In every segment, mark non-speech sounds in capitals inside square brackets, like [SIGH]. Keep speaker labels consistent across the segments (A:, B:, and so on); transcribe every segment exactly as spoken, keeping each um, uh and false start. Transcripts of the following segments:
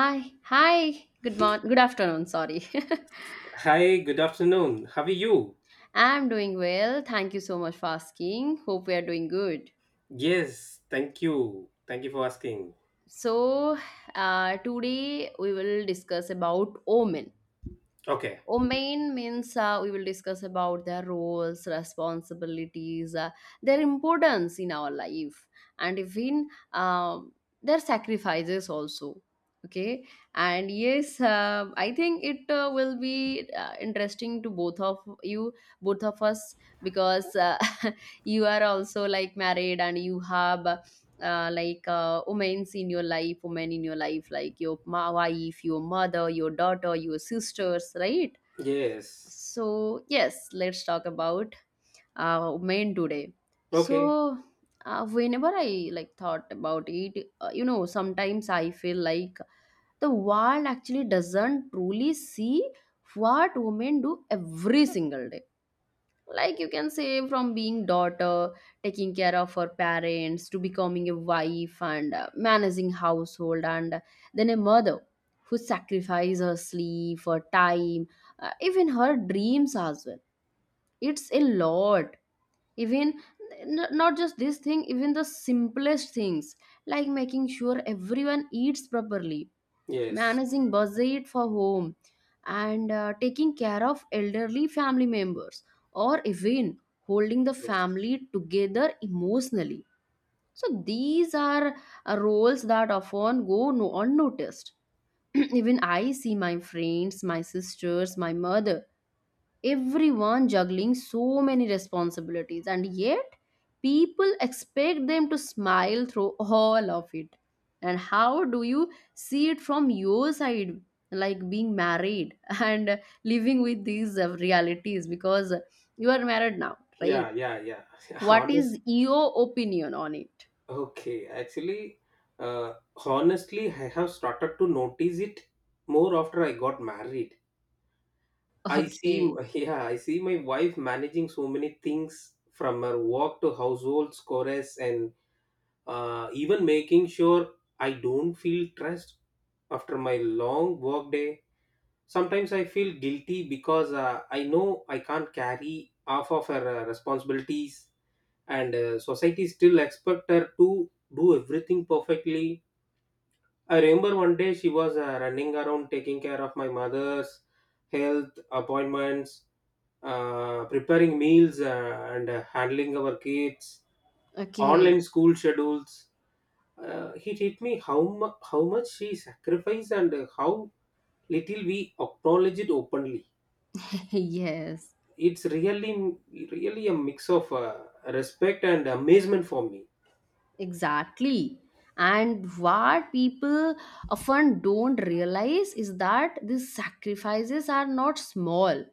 A: Hi, hi. Good morning. Good afternoon. Sorry.
B: Hi, good afternoon. How are you?
A: [LAUGHS] I'm doing well. Thank you so much for asking. Hope we are doing good.
B: Yes, thank you. Thank you for asking.
A: So, uh, today we will discuss about Omen.
B: Okay.
A: Main means uh, we will discuss about their roles, responsibilities, uh, their importance in our life, and even um their sacrifices also. Okay, and yes, uh, I think it uh, will be uh, interesting to both of you, both of us, because uh, [LAUGHS] you are also like married and you have. Uh, like uh, women's in your life, women in your life, like your ma- wife, your mother, your daughter, your sisters, right?
B: Yes.
A: So, yes, let's talk about uh, main today.
B: Okay.
A: So, uh, whenever I like thought about it, uh, you know, sometimes I feel like the world actually doesn't truly see what women do every single day. Like you can say, from being daughter, taking care of her parents, to becoming a wife and uh, managing household, and then a mother who sacrifices her sleep, her time, uh, even her dreams as well. It's a lot. Even n- not just this thing, even the simplest things like making sure everyone eats properly,
B: Yes.
A: managing budget for home, and uh, taking care of elderly family members, or even holding the
B: Yes.
A: family together emotionally. So these are uh, roles that often go no unnoticed. [CLEARS THROAT] Even I see my friends, my sisters, my mother, everyone juggling so many responsibilities, and yet people expect them to smile through all of it. And how do you see it from your side, like being married [LAUGHS] and living with these uh, realities? Because you are married now, right?
B: Yeah, yeah, yeah. [LAUGHS]
A: What
B: Honest.
A: is your opinion on it?
B: Okay. Actually, uh, honestly, I have started to notice it more after I got married. I see,
A: Okay.
B: [LAUGHS] yeah, I see my wife managing so many things from her work to household chores and uh, even making sure I don't feel stressed after my long work day. Sometimes I feel guilty because uh, I know I can't carry half of her uh, responsibilities, and uh, society still expect her to do everything perfectly. I remember one day she was uh, running around taking care of my mother's health appointments, uh, preparing meals, uh, and uh, handling our kids' online
A: Okay.
B: school schedules. Uh, it hit me how mu- how much she sacrificed and uh, how little we acknowledge it openly.
A: [LAUGHS] Yes.
B: It's really really a mix of uh, respect and amazement for me.
A: Exactly. And what people often don't realize is that these sacrifices are not small,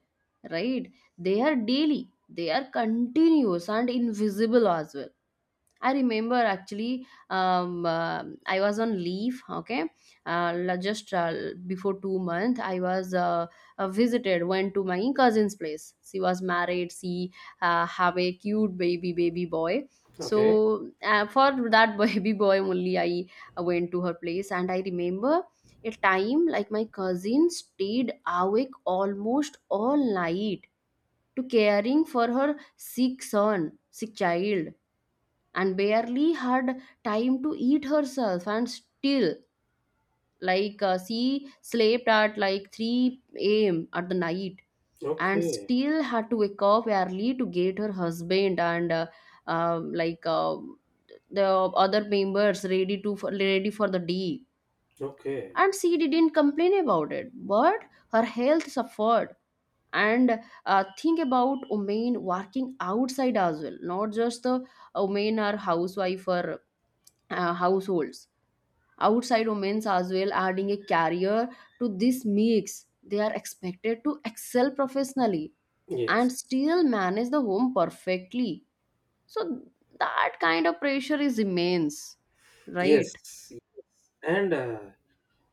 A: right? They are daily, they are continuous and invisible as well. I remember actually, um, uh, I was on leave, okay, uh, la- just uh, before two months. I was uh, uh, visited, went to my cousin's place. She was married. She uh, have a cute baby baby boy.
B: Okay,
A: So uh, for that [LAUGHS] baby boy only, I uh, went to her place, and I remember a time like my cousin stayed awake almost all night to caring for her sick son, sick child, and barely had time to eat herself, and still like uh, she slept at like three a.m at the night, and
B: okay,
A: still had to wake up early to get her husband and uh, uh, like uh, the other members ready to for, ready for the day.
B: okay.
A: And she didn't complain about it, but her health suffered. And uh, think about women working outside as well, not just the uh, women are housewife or uh, households. Outside women as well, adding a career to this mix, they are expected to excel professionally
B: Yes,
A: and still manage the home perfectly. So that kind of pressure is immense, right?
B: yes, yes. and uh,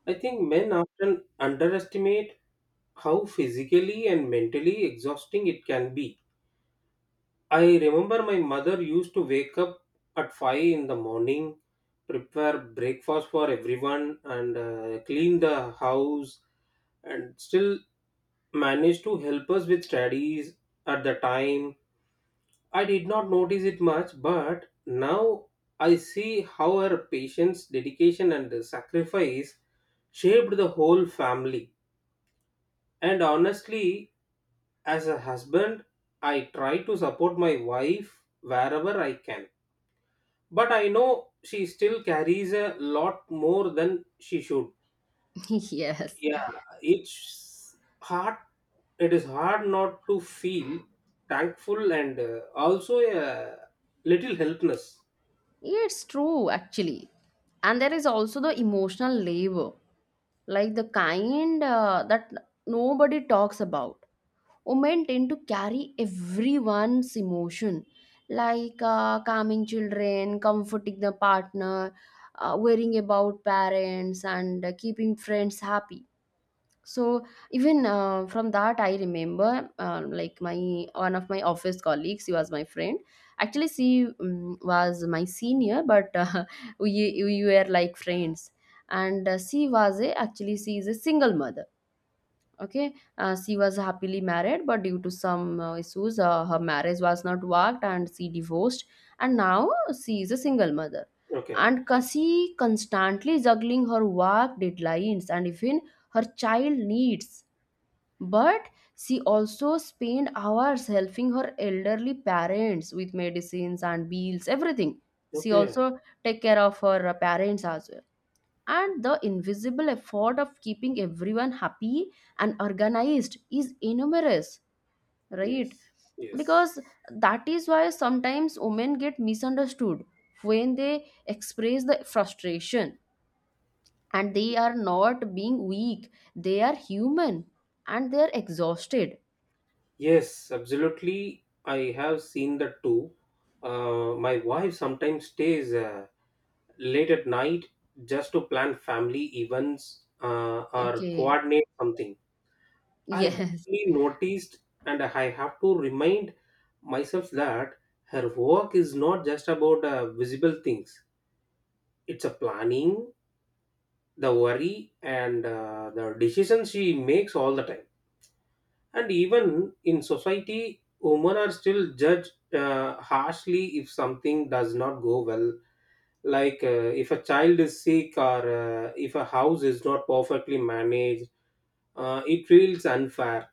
B: I think men often underestimate how physically and mentally exhausting it can be. I remember my mother used to wake up at five in the morning, prepare breakfast for everyone, and uh, clean the house, and still manage to help us with studies at the time. I did not notice it much, but now I see how her patience, dedication, and sacrifice shaped the whole family. And honestly, as a husband, I try to support my wife wherever I can. But I know she still carries a lot more than she should.
A: [LAUGHS] Yes.
B: Yeah, it's hard. It is hard not to feel thankful and uh, also a little helpless.
A: Yeah, it's true, actually. And there is also the emotional labor, like the kind uh, that nobody talks about. Women tend to carry everyone's emotion, like uh, calming children, comforting the partner, uh, worrying about parents, and uh, keeping friends happy. So even uh, from that, I remember um, like my one of my office colleagues. She was my friend. Actually, she um, was my senior, but uh, [LAUGHS] we we were like friends. And uh, she was a actually she is a single mother. Okay, uh, she was happily married, but due to some uh, issues, uh, her marriage was not worked, and she divorced. And now she is a single mother,
B: Okay.
A: and she constantly juggling her work deadlines and even her child needs. But she also spent hours helping her elderly parents with medicines and bills, everything. She
B: Okay.
A: also take care of her uh, parents as well. And the invisible effort of keeping everyone happy and organized is enormous, right?
B: Yes.
A: Because
B: Yes.
A: that is why sometimes women get misunderstood when they express the frustration, and they are not being weak, they are human, and they are exhausted.
B: Yes, absolutely. I have seen that too. Uh, my wife sometimes stays uh, late at night just to plan family events uh, or
A: Okay.
B: coordinate something.
A: [LAUGHS]
B: I
A: Yes.
B: barely noticed, and I have to remind myself that her work is not just about uh, visible things. It's a planning, the worry, and uh, the decisions she makes all the time. And even in society, women are still judged uh, harshly if something does not go well. Like uh, if a child is sick or uh, if a house is not perfectly managed, uh, it feels unfair.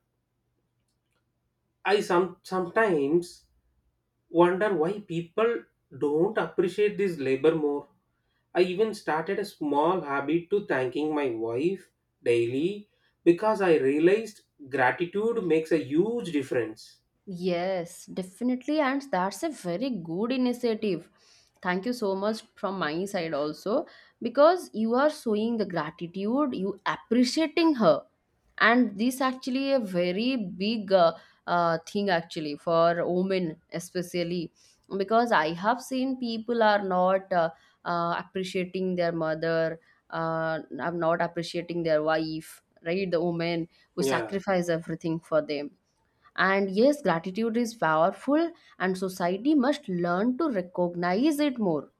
B: I some sometimes wonder why people don't appreciate this labor more. I even started a small habit to thanking my wife daily because I realized gratitude makes a huge difference.
A: Yes, definitely. And that's a very good initiative. Thank you so much from my side also, because you are showing the gratitude, you appreciating her. And this actually a very big uh, uh, thing actually for women especially, because I have seen people are not uh, uh, appreciating their mother, uh, are not appreciating their wife, right? The woman who
B: Yeah.
A: sacrifice everything for them. And yes, gratitude is powerful, and society must learn to recognize it more.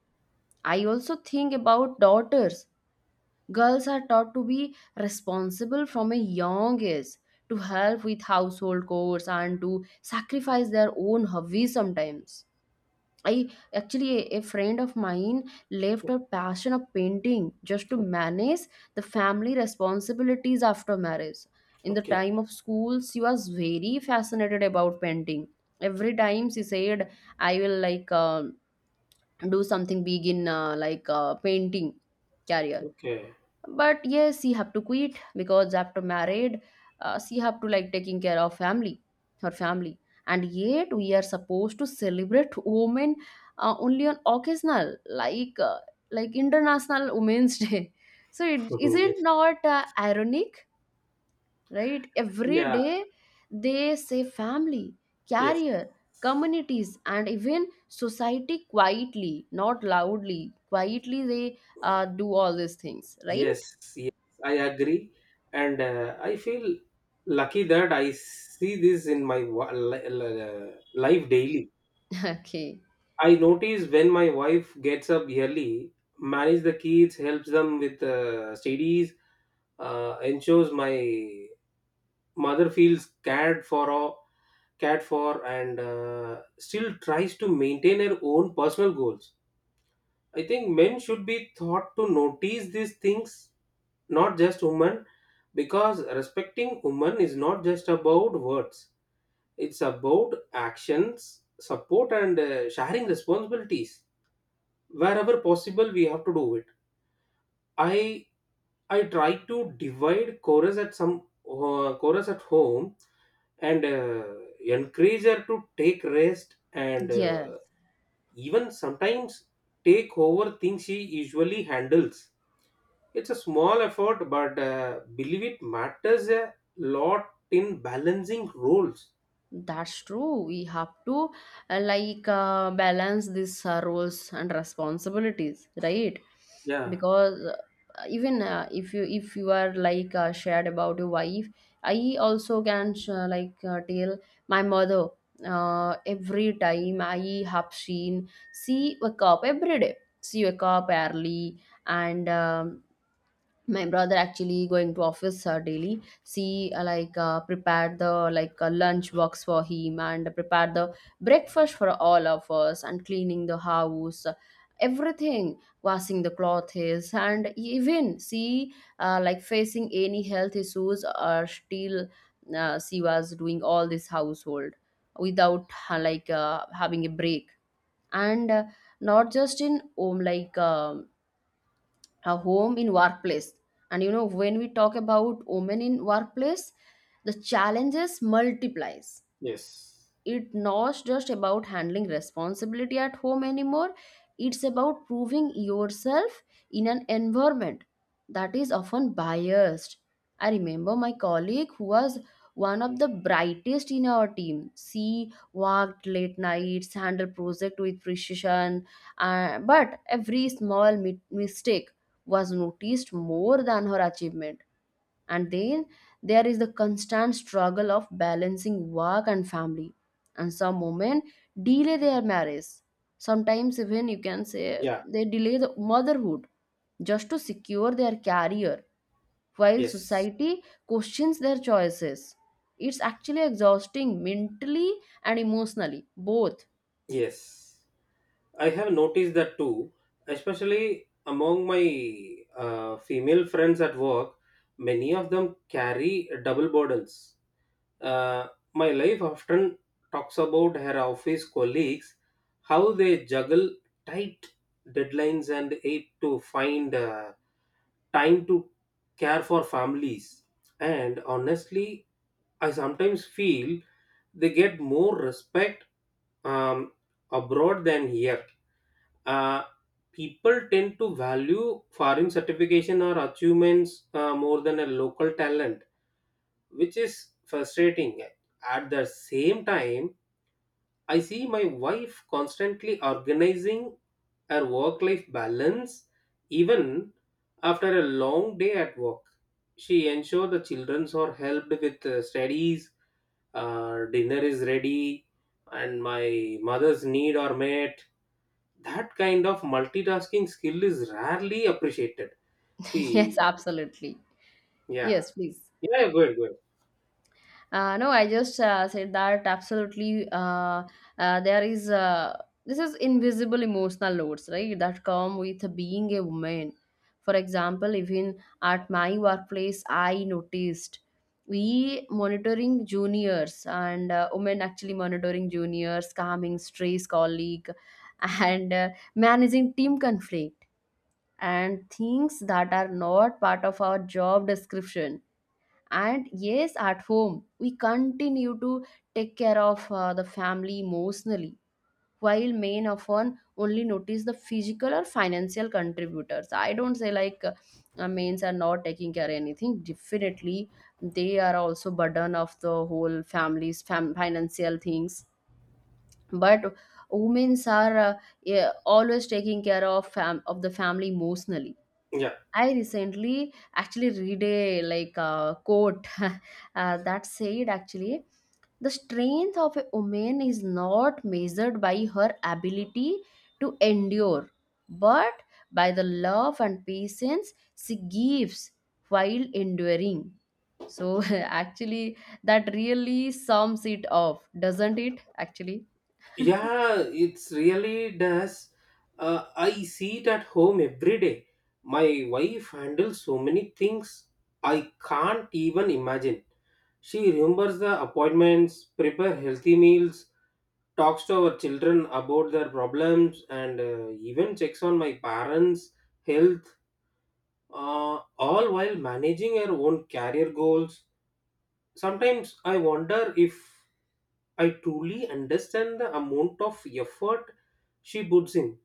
A: I also think about daughters. Girls are taught to be responsible from a young age, to help with household chores, and to sacrifice their own hobbies sometimes. I actually a, a friend of mine left
B: O-
A: her passion of painting just to
B: o-
A: manage the family responsibilities after marriage. In the
B: Okay.
A: time of school, she was very fascinated about painting. Every time she said, "I will like uh, do something big in uh, like uh, painting career,"
B: Okay.
A: but yes, she have to quit because after married, uh, she have to like taking care of family her family. And yet we are supposed to celebrate women uh, only on occasional, like uh, like international women's [LAUGHS] day. So it,
B: [LAUGHS]
A: is
B: Mhm.
A: it
B: Yes.
A: not uh, ironic, right? Every
B: Yeah.
A: day they say family,
B: Yes.
A: career, communities, and even society quietly, not loudly, quietly they uh, do all these things,
B: Yes.
A: right?
B: Yes. I agree, and uh, I feel lucky that I see this in my wa- li- li- life daily.
A: [LAUGHS] Okay.
B: I notice when my wife gets up early, manage the kids, helps them with uh, studies, uh, ensures my mother feels cared for, all- cared for, and uh, still tries to maintain her own personal goals. I think men should be taught to notice these things, not just women, because respecting women is not just about words; it's about actions, support, and uh, sharing responsibilities wherever possible we have to do it. I i try to divide chorus at some uh, chorus at home and uh, encourage her to take rest and uh,
A: Yes,
B: even sometimes take over things she usually handles. It's a small effort but uh, believe it matters a lot in balancing roles.
A: that's true. We have to uh, like uh, balance these uh, roles and responsibilities, right?
B: Yeah.
A: Because uh, even uh, if you if you are like uh, shared about your wife, I also can sh- uh, like uh, tell my mother. Uh, every time I have seen, she wake up every day. She wake up early, and um, my brother actually going to office uh, daily, see uh, like uh, prepared the like uh, lunch box for him, and prepared the breakfast for all of us, and cleaning the house uh, everything, washing the clothes, and even see uh, like facing any health issues, or still uh, she was doing all this household without uh, like uh, having a break. And uh, not just in home, like um a home in workplace. And you know when we talk about women in workplace, the challenges multiplies.
B: Yes.
A: It's not just about handling responsibility at home anymore, it's about proving yourself in an environment that is often biased. I remember my colleague who was one of the brightest in our team. She worked late nights, handled project with precision, uh, but every small mi- mistake was noticed more than her achievement. And then there is the constant struggle of balancing work and family, and some women delay their marriage, sometimes even you can say
B: Yeah.
A: they delay the motherhood just to secure their career, while
B: Yes.
A: society questions their choices. It's actually exhausting, mentally and emotionally both.
B: Yes, I have noticed that too, especially among my uh, female friends at work. Many of them carry double burdens. Uh, my wife often talks about her office colleagues, how they juggle tight deadlines and aid to find uh, time to care for families. And honestly, I sometimes feel they get more respect um, abroad than here. uh, People tend to value foreign certification or achievements uh, more than a local talent, which is frustrating. At the same time, I see my wife constantly organizing her work life balance even after a long day at work. She ensures the children are helped with uh, studies, uh, dinner is ready, and my mother's need are met. That kind of multitasking skill is rarely appreciated.
A: [LAUGHS] Yes,
B: See,
A: absolutely.
B: yeah,
A: Yes, please.
B: yeah, yeah, good, good.
A: Uh, no, I just uh, said that absolutely. Uh, uh, there is uh, This is invisible emotional loads, right? That come with being a woman. For example, even at my workplace, I noticed we monitoring juniors and uh, women actually monitoring juniors, calming strays colleague, [LAUGHS] and uh, managing team conflict, and things that are not part of our job description. And yes, at home we continue to take care of uh, the family emotionally, while men often only notice the physical or financial contributors. I don't say like uh, uh, males are not taking care of anything. Definitely they are also burden of the whole family's fam- financial things. But women's are uh, yeah, always taking care of fam- of the family emotionally.
B: Yeah,
A: I recently actually read a like a quote [LAUGHS] uh, that said, actually the strength of a woman is not measured by her ability to endure, but by the love and patience she gives while enduring. So [LAUGHS] actually, that really sums it up, doesn't it, actually?
B: yeah, it's really does. Uh, I see it at home every day. My wife handles so many things I can't even imagine. She remembers the appointments, prepare healthy meals, talks to our children about their problems, and uh, even checks on my parents' health uh, all while managing your own career goals. Sometimes I wonder if I truly understand the amount of effort she puts in.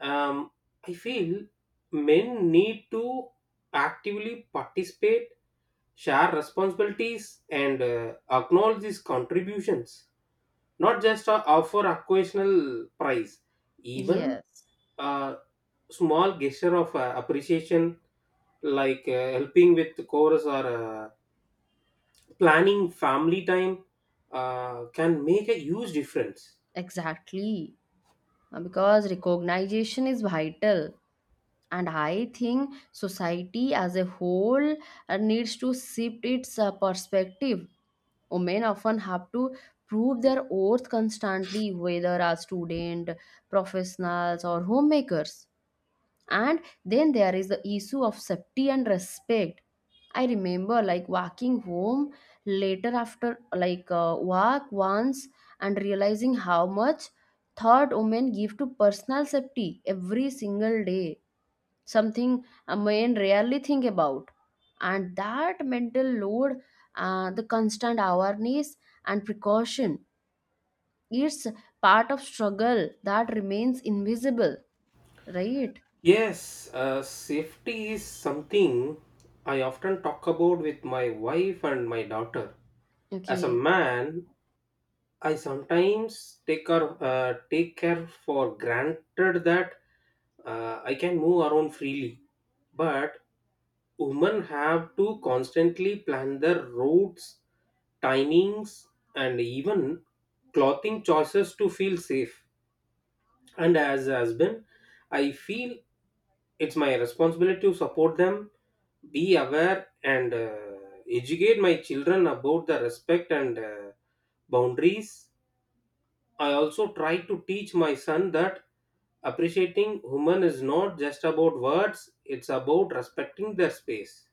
B: Um, I feel men need to actively participate, share responsibilities, and uh, acknowledge these contributions, not just uh, offer occasional prize. Even
A: Yes,
B: a small gesture of uh, appreciation like uh, helping with the chorus or uh, planning family time uh, can make a huge difference.
A: exactly. Uh, because recognition is vital, and I think society as a whole uh, needs to shift its uh, perspective. Women often have to prove their worth constantly, whether as student, professionals, or homemakers. And then there is the issue of safety and respect. I remember like walking home later after like uh, work once, and realizing how much thought women give to personal safety every single day, something a man rarely think about. And that mental load, uh, the constant awareness and precaution, it's part of struggle that remains invisible, right?
B: Yes, uh, safety is something I often talk about with my wife and my daughter. As a
A: Okay.
B: man, I sometimes take care, uh, take care for granted that uh, I can move around freely. But women have to constantly plan their routes, timings, and even clothing choices to feel safe. And as a husband, I feel it's my responsibility to support them, be aware, and uh, educate my children about the respect and uh, boundaries. I also try to teach my son that appreciating women is not just about words, it's about respecting their space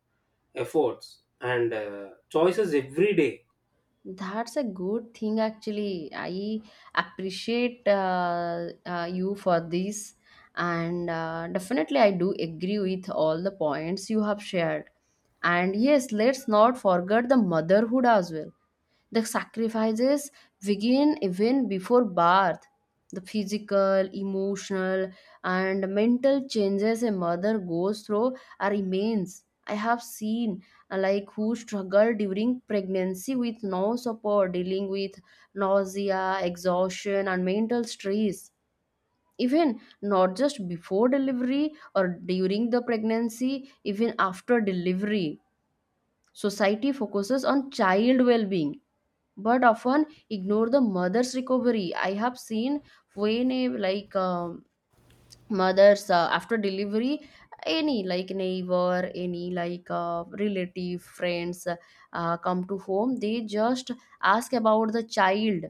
B: efforts and uh, choices every day.
A: That's a good thing, actually. I appreciate uh, uh, you for this, and uh, definitely, I do agree with all the points you have shared. And yes, let's not forget the motherhood as well. The sacrifices begin even before birth. The physical, emotional, and mental changes a mother goes through are immense. I have seen like who struggle during pregnancy with no support, dealing with nausea, exhaustion, and mental stress. Even not just before delivery or during the pregnancy, even after delivery. Society focuses on child well being but often ignore the mother's recovery. I have seen when a like um, mothers uh, after delivery any like neighbor any like uh, relative friends uh, uh, come to home they just ask about the child,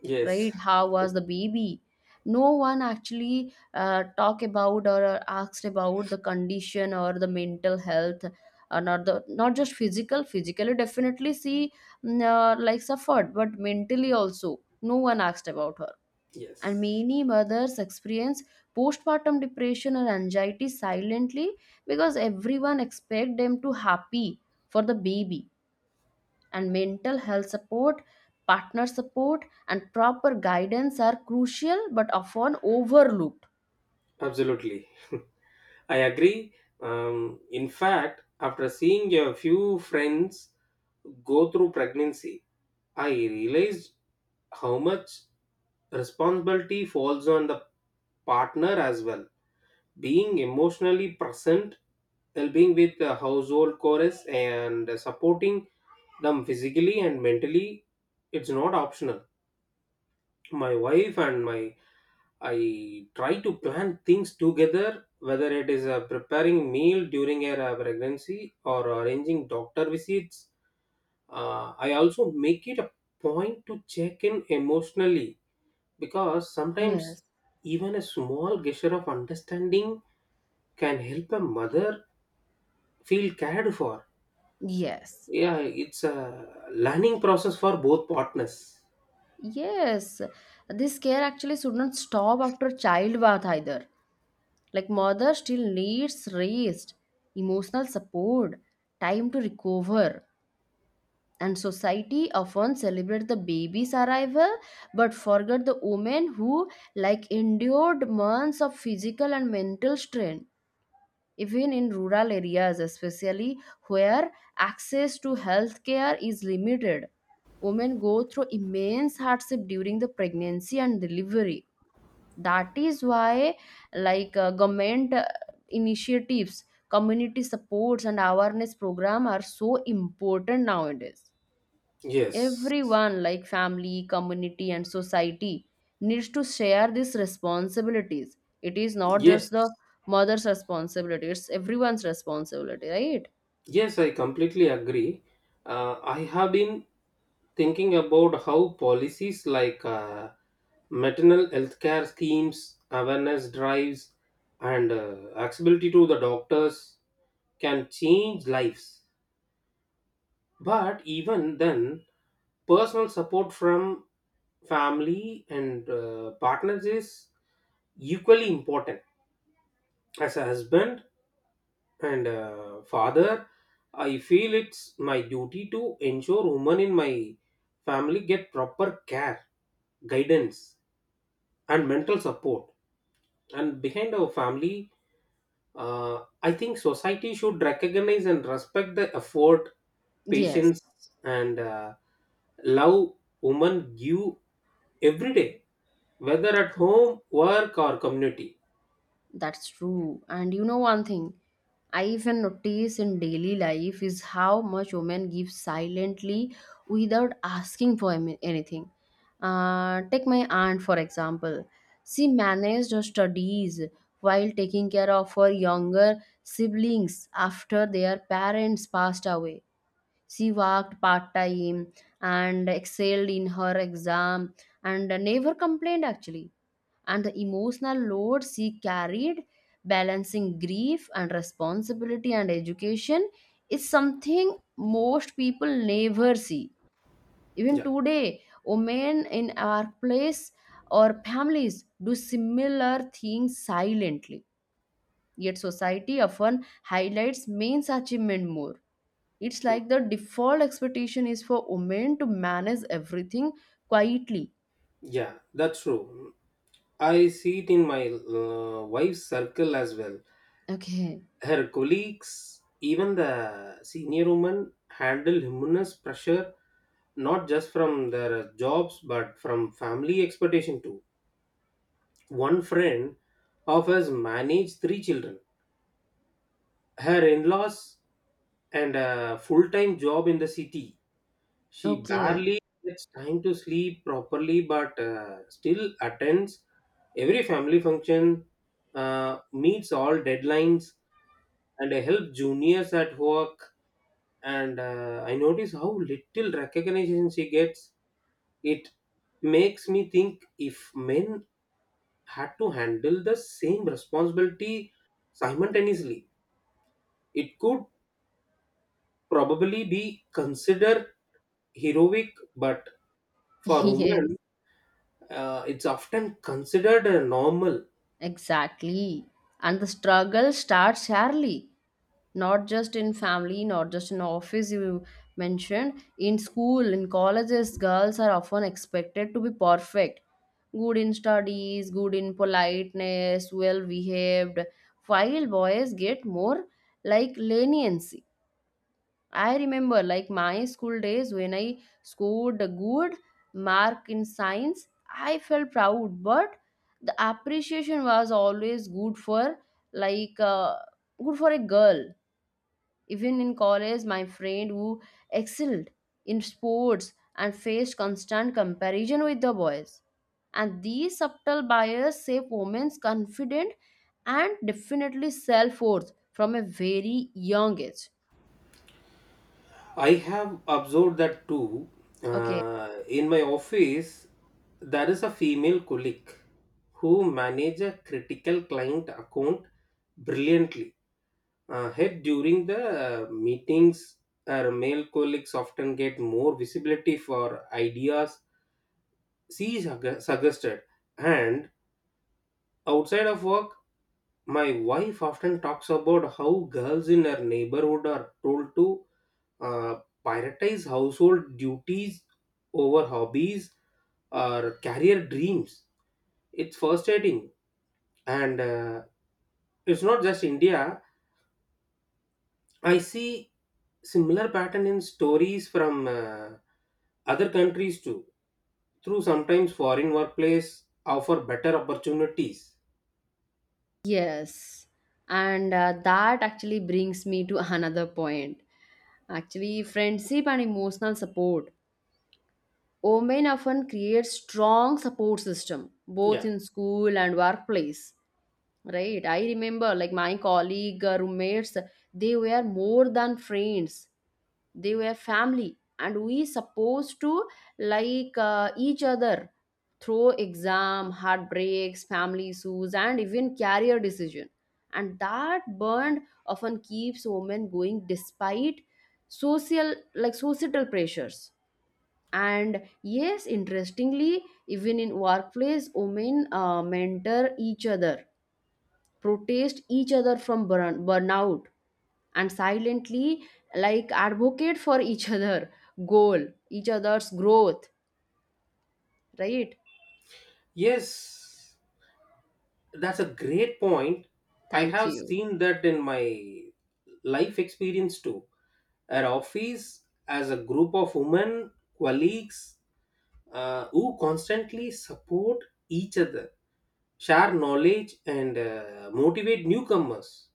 B: Yes.
A: right? How was the baby? No one actually uh, talk about or uh, asked about the condition or the mental health, uh, not the not just physical physically definitely she mm, uh, like suffered but mentally also no one asked about her. And
B: Yes,
A: many mothers experience postpartum depression or anxiety silently because everyone expects them to happy for the baby. And mental health support, partner support, and proper guidance are crucial but often overlooked.
B: absolutely. I agree. Um, in fact, after seeing a few friends go through pregnancy, I realized how much responsibility falls on the partner as well, being emotionally present, helping with the household chores and supporting them physically and mentally. It's not optional. My wife and my I try to plan things together, whether it is uh, preparing meal during a uh, pregnancy or arranging doctor visits. uh, I also make it a point to check in emotionally, because sometimes
A: Yes,
B: even a small gesture of understanding can help a mother feel cared for.
A: yes,
B: Yeah, it's a learning process for both partners.
A: yes, this care actually should not stop after childbirth either. Like, mother still needs rest, emotional support, time to recover, and society often celebrates the baby's arrival but forget the women who like endured months of physical and mental strain. Even in rural areas especially, where access to health care is limited, women go through immense hardship during the pregnancy and delivery. That is why like uh, government uh, initiatives, community supports, and awareness program are so important nowadays.
B: Yes.
A: Everyone, like family, community, and society, needs to share these responsibilities. It is not
B: Yes.
A: just the mother's responsibility, it's everyone's responsibility, right?
B: Yes, I completely agree. Uh, I have been thinking about how policies like uh, maternal health care schemes, awareness drives, and uh, accessibility to the doctors can change lives. But even then, personal support from family and uh, partners is equally important. As a husband, and uh, father, I feel it's my duty to ensure women in my family get proper care, guidance, and mental support. And behind our family, uh, I think society should recognize and respect the effort, patience,
A: Yes.
B: and uh, love women give every day, whether at home, work, or community.
A: That's true. And you know one thing I even notice in daily life is how much women give silently without asking for am- anything. Uh, take my aunt for example. She managed her studies while taking care of her younger siblings after their parents passed away. She worked part time and excelled in her exam and never complained actually. And the emotional load she carried, balancing grief and responsibility and education, is something most people never see. Even
B: Yeah,
A: today, women in our place or families do similar things silently. Yet society often highlights men's achievement more. It's like the default expectation is for women to manage everything quietly.
B: yeah, that's true. I see it in my uh, wife's circle as well.
A: Okay,
B: Her colleagues, even the senior women, handle humongous pressure, not just from their jobs but from family expectation too. One friend of us managed three children, her in laws, and a full time job in the city. She
A: okay,
B: barely gets time to sleep properly but uh, still attends every family function, uh, meets all deadlines, and helps juniors at work. And uh, I notice how little recognition she gets. It makes me think if men had to handle the same responsibility simultaneously, it could probably be considered heroic. But for
A: [LAUGHS]
B: women,
A: yes,
B: uh, it's often considered uh, normal.
A: exactly. And the struggle starts early, not just in family, not just in office, you mentioned. In school, in colleges, girls are often expected to be perfect, good in studies, good in politeness, well behaved, while boys get more like leniency. I remember like my school days when I scored a good mark in science, I felt proud, but the appreciation was always good for like uh, good for a girl. Even in college, my friend who excelled in sports and faced constant comparison with the boys. And these subtle bias shape women's confidence and definitely self-worth from a very young age.
B: I have observed that too,
A: Okay.
B: uh, in my office there is a female colleague who manages a critical client account brilliantly. Uh, head during the uh, meetings, our male colleagues often get more visibility for ideas she sugge- suggested. And outside of work, my wife often talks about how girls in her neighborhood are told to uh, prioritize household duties over hobbies or career dreams. It's frustrating, and uh, it's not just India. I see similar pattern in stories from uh, other countries too. Through sometimes foreign workplace offer better opportunities.
A: Yes, and uh, that actually brings me to [LAUGHS] another point. Actually, friendship and emotional support. Women often create strong support system both
B: Yeah.
A: in school and workplace. Right? I remember like my colleague uh, roommates, they were more than friends, they were family, and we supposed to like uh, each other through exam, heartbreaks, family issues, and even career decision. And that bond often keeps women going despite social like societal pressures. And yes, interestingly, even in workplace women uh, mentor each other, protest each other from burn- burnout, and silently like advocate for each other, goal each other's growth, right?
B: Yes, that's a great point. I
A: Thank
B: have
A: you.
B: seen that in my life experience too. At office, as a group of women colleagues uh, who constantly support each other, share knowledge, and uh, motivate newcomers.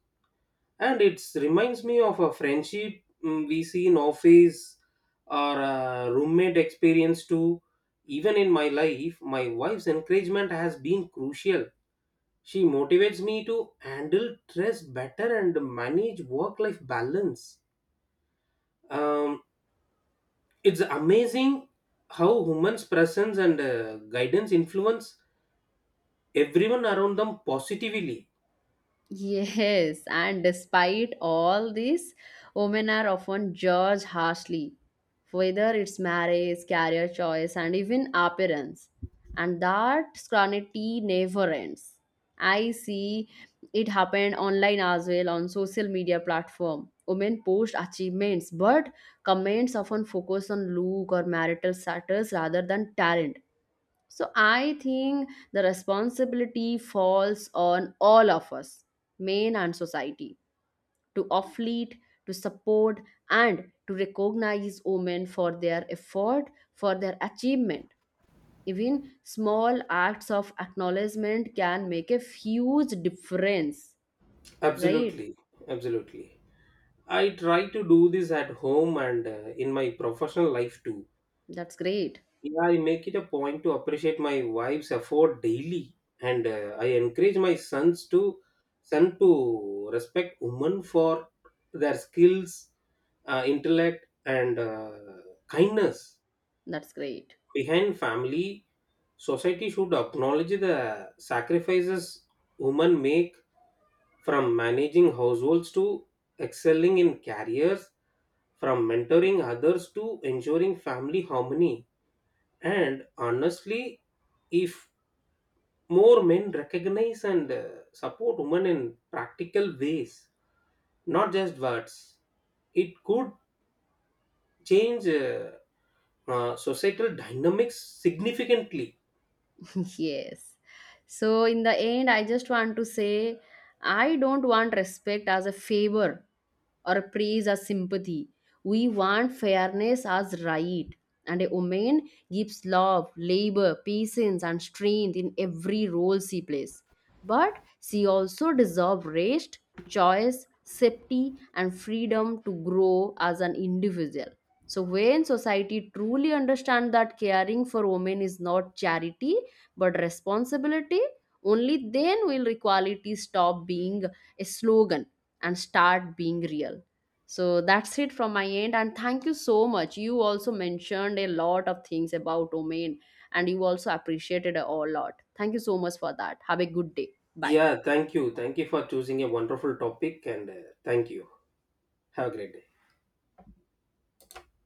B: And it reminds me of a friendship mm, we see in office or a roommate experience too. Even in my life my wife's encouragement has been crucial. She motivates me to handle stress better and manage work life balance. um, it's amazing how humans presence and uh, guidance influence everyone around them positively.
A: Yes, and despite all this, women are often judged harshly, whether it's marriage, career choice, and even appearance. And that scrutiny never ends. I see it happen online as well on social media platform. Women post achievements, but comments often focus on look or marital status rather than talent. So I think the responsibility falls on all of us, men and society, to offlead, to support, and to recognize women for their effort, for their achievement. Even small acts of acknowledgement can make a huge difference, right?
B: Absolutely. Absolutely. I try to do this at home and uh, in my professional life too.
A: That's great.
B: Yeah, I make it a point to appreciate my wife's effort daily, and uh, I encourage my sons to son to respect women for their skills, uh, intellect, and uh, kindness.
A: That's great.
B: Behind family, society should acknowledge the sacrifices women make, from managing households to excelling in careers, from mentoring others to ensuring family harmony. And honestly, if more men recognize and uh, support women in practical ways, not just words, it could change uh, uh, societal dynamics significantly.
A: [LAUGHS] yes. So, in the end, I just want to say I don't want respect as a favor or praise as sympathy. We want fairness as right. And a woman gives love, labor, patience, and strength in every role she plays. But she also deserves rest, choice, safety, and freedom to grow as an individual. So when society truly understands that caring for women is not charity but responsibility, only then will equality stop being a slogan and start being real. So that's it from my end, and thank you so much. You also mentioned a lot of things about domain, and you also appreciated a whole lot. Thank you so much for that. Have a good day. Bye.
B: Yeah, thank you. Thank you for choosing a wonderful topic and uh, thank you. Have a great day.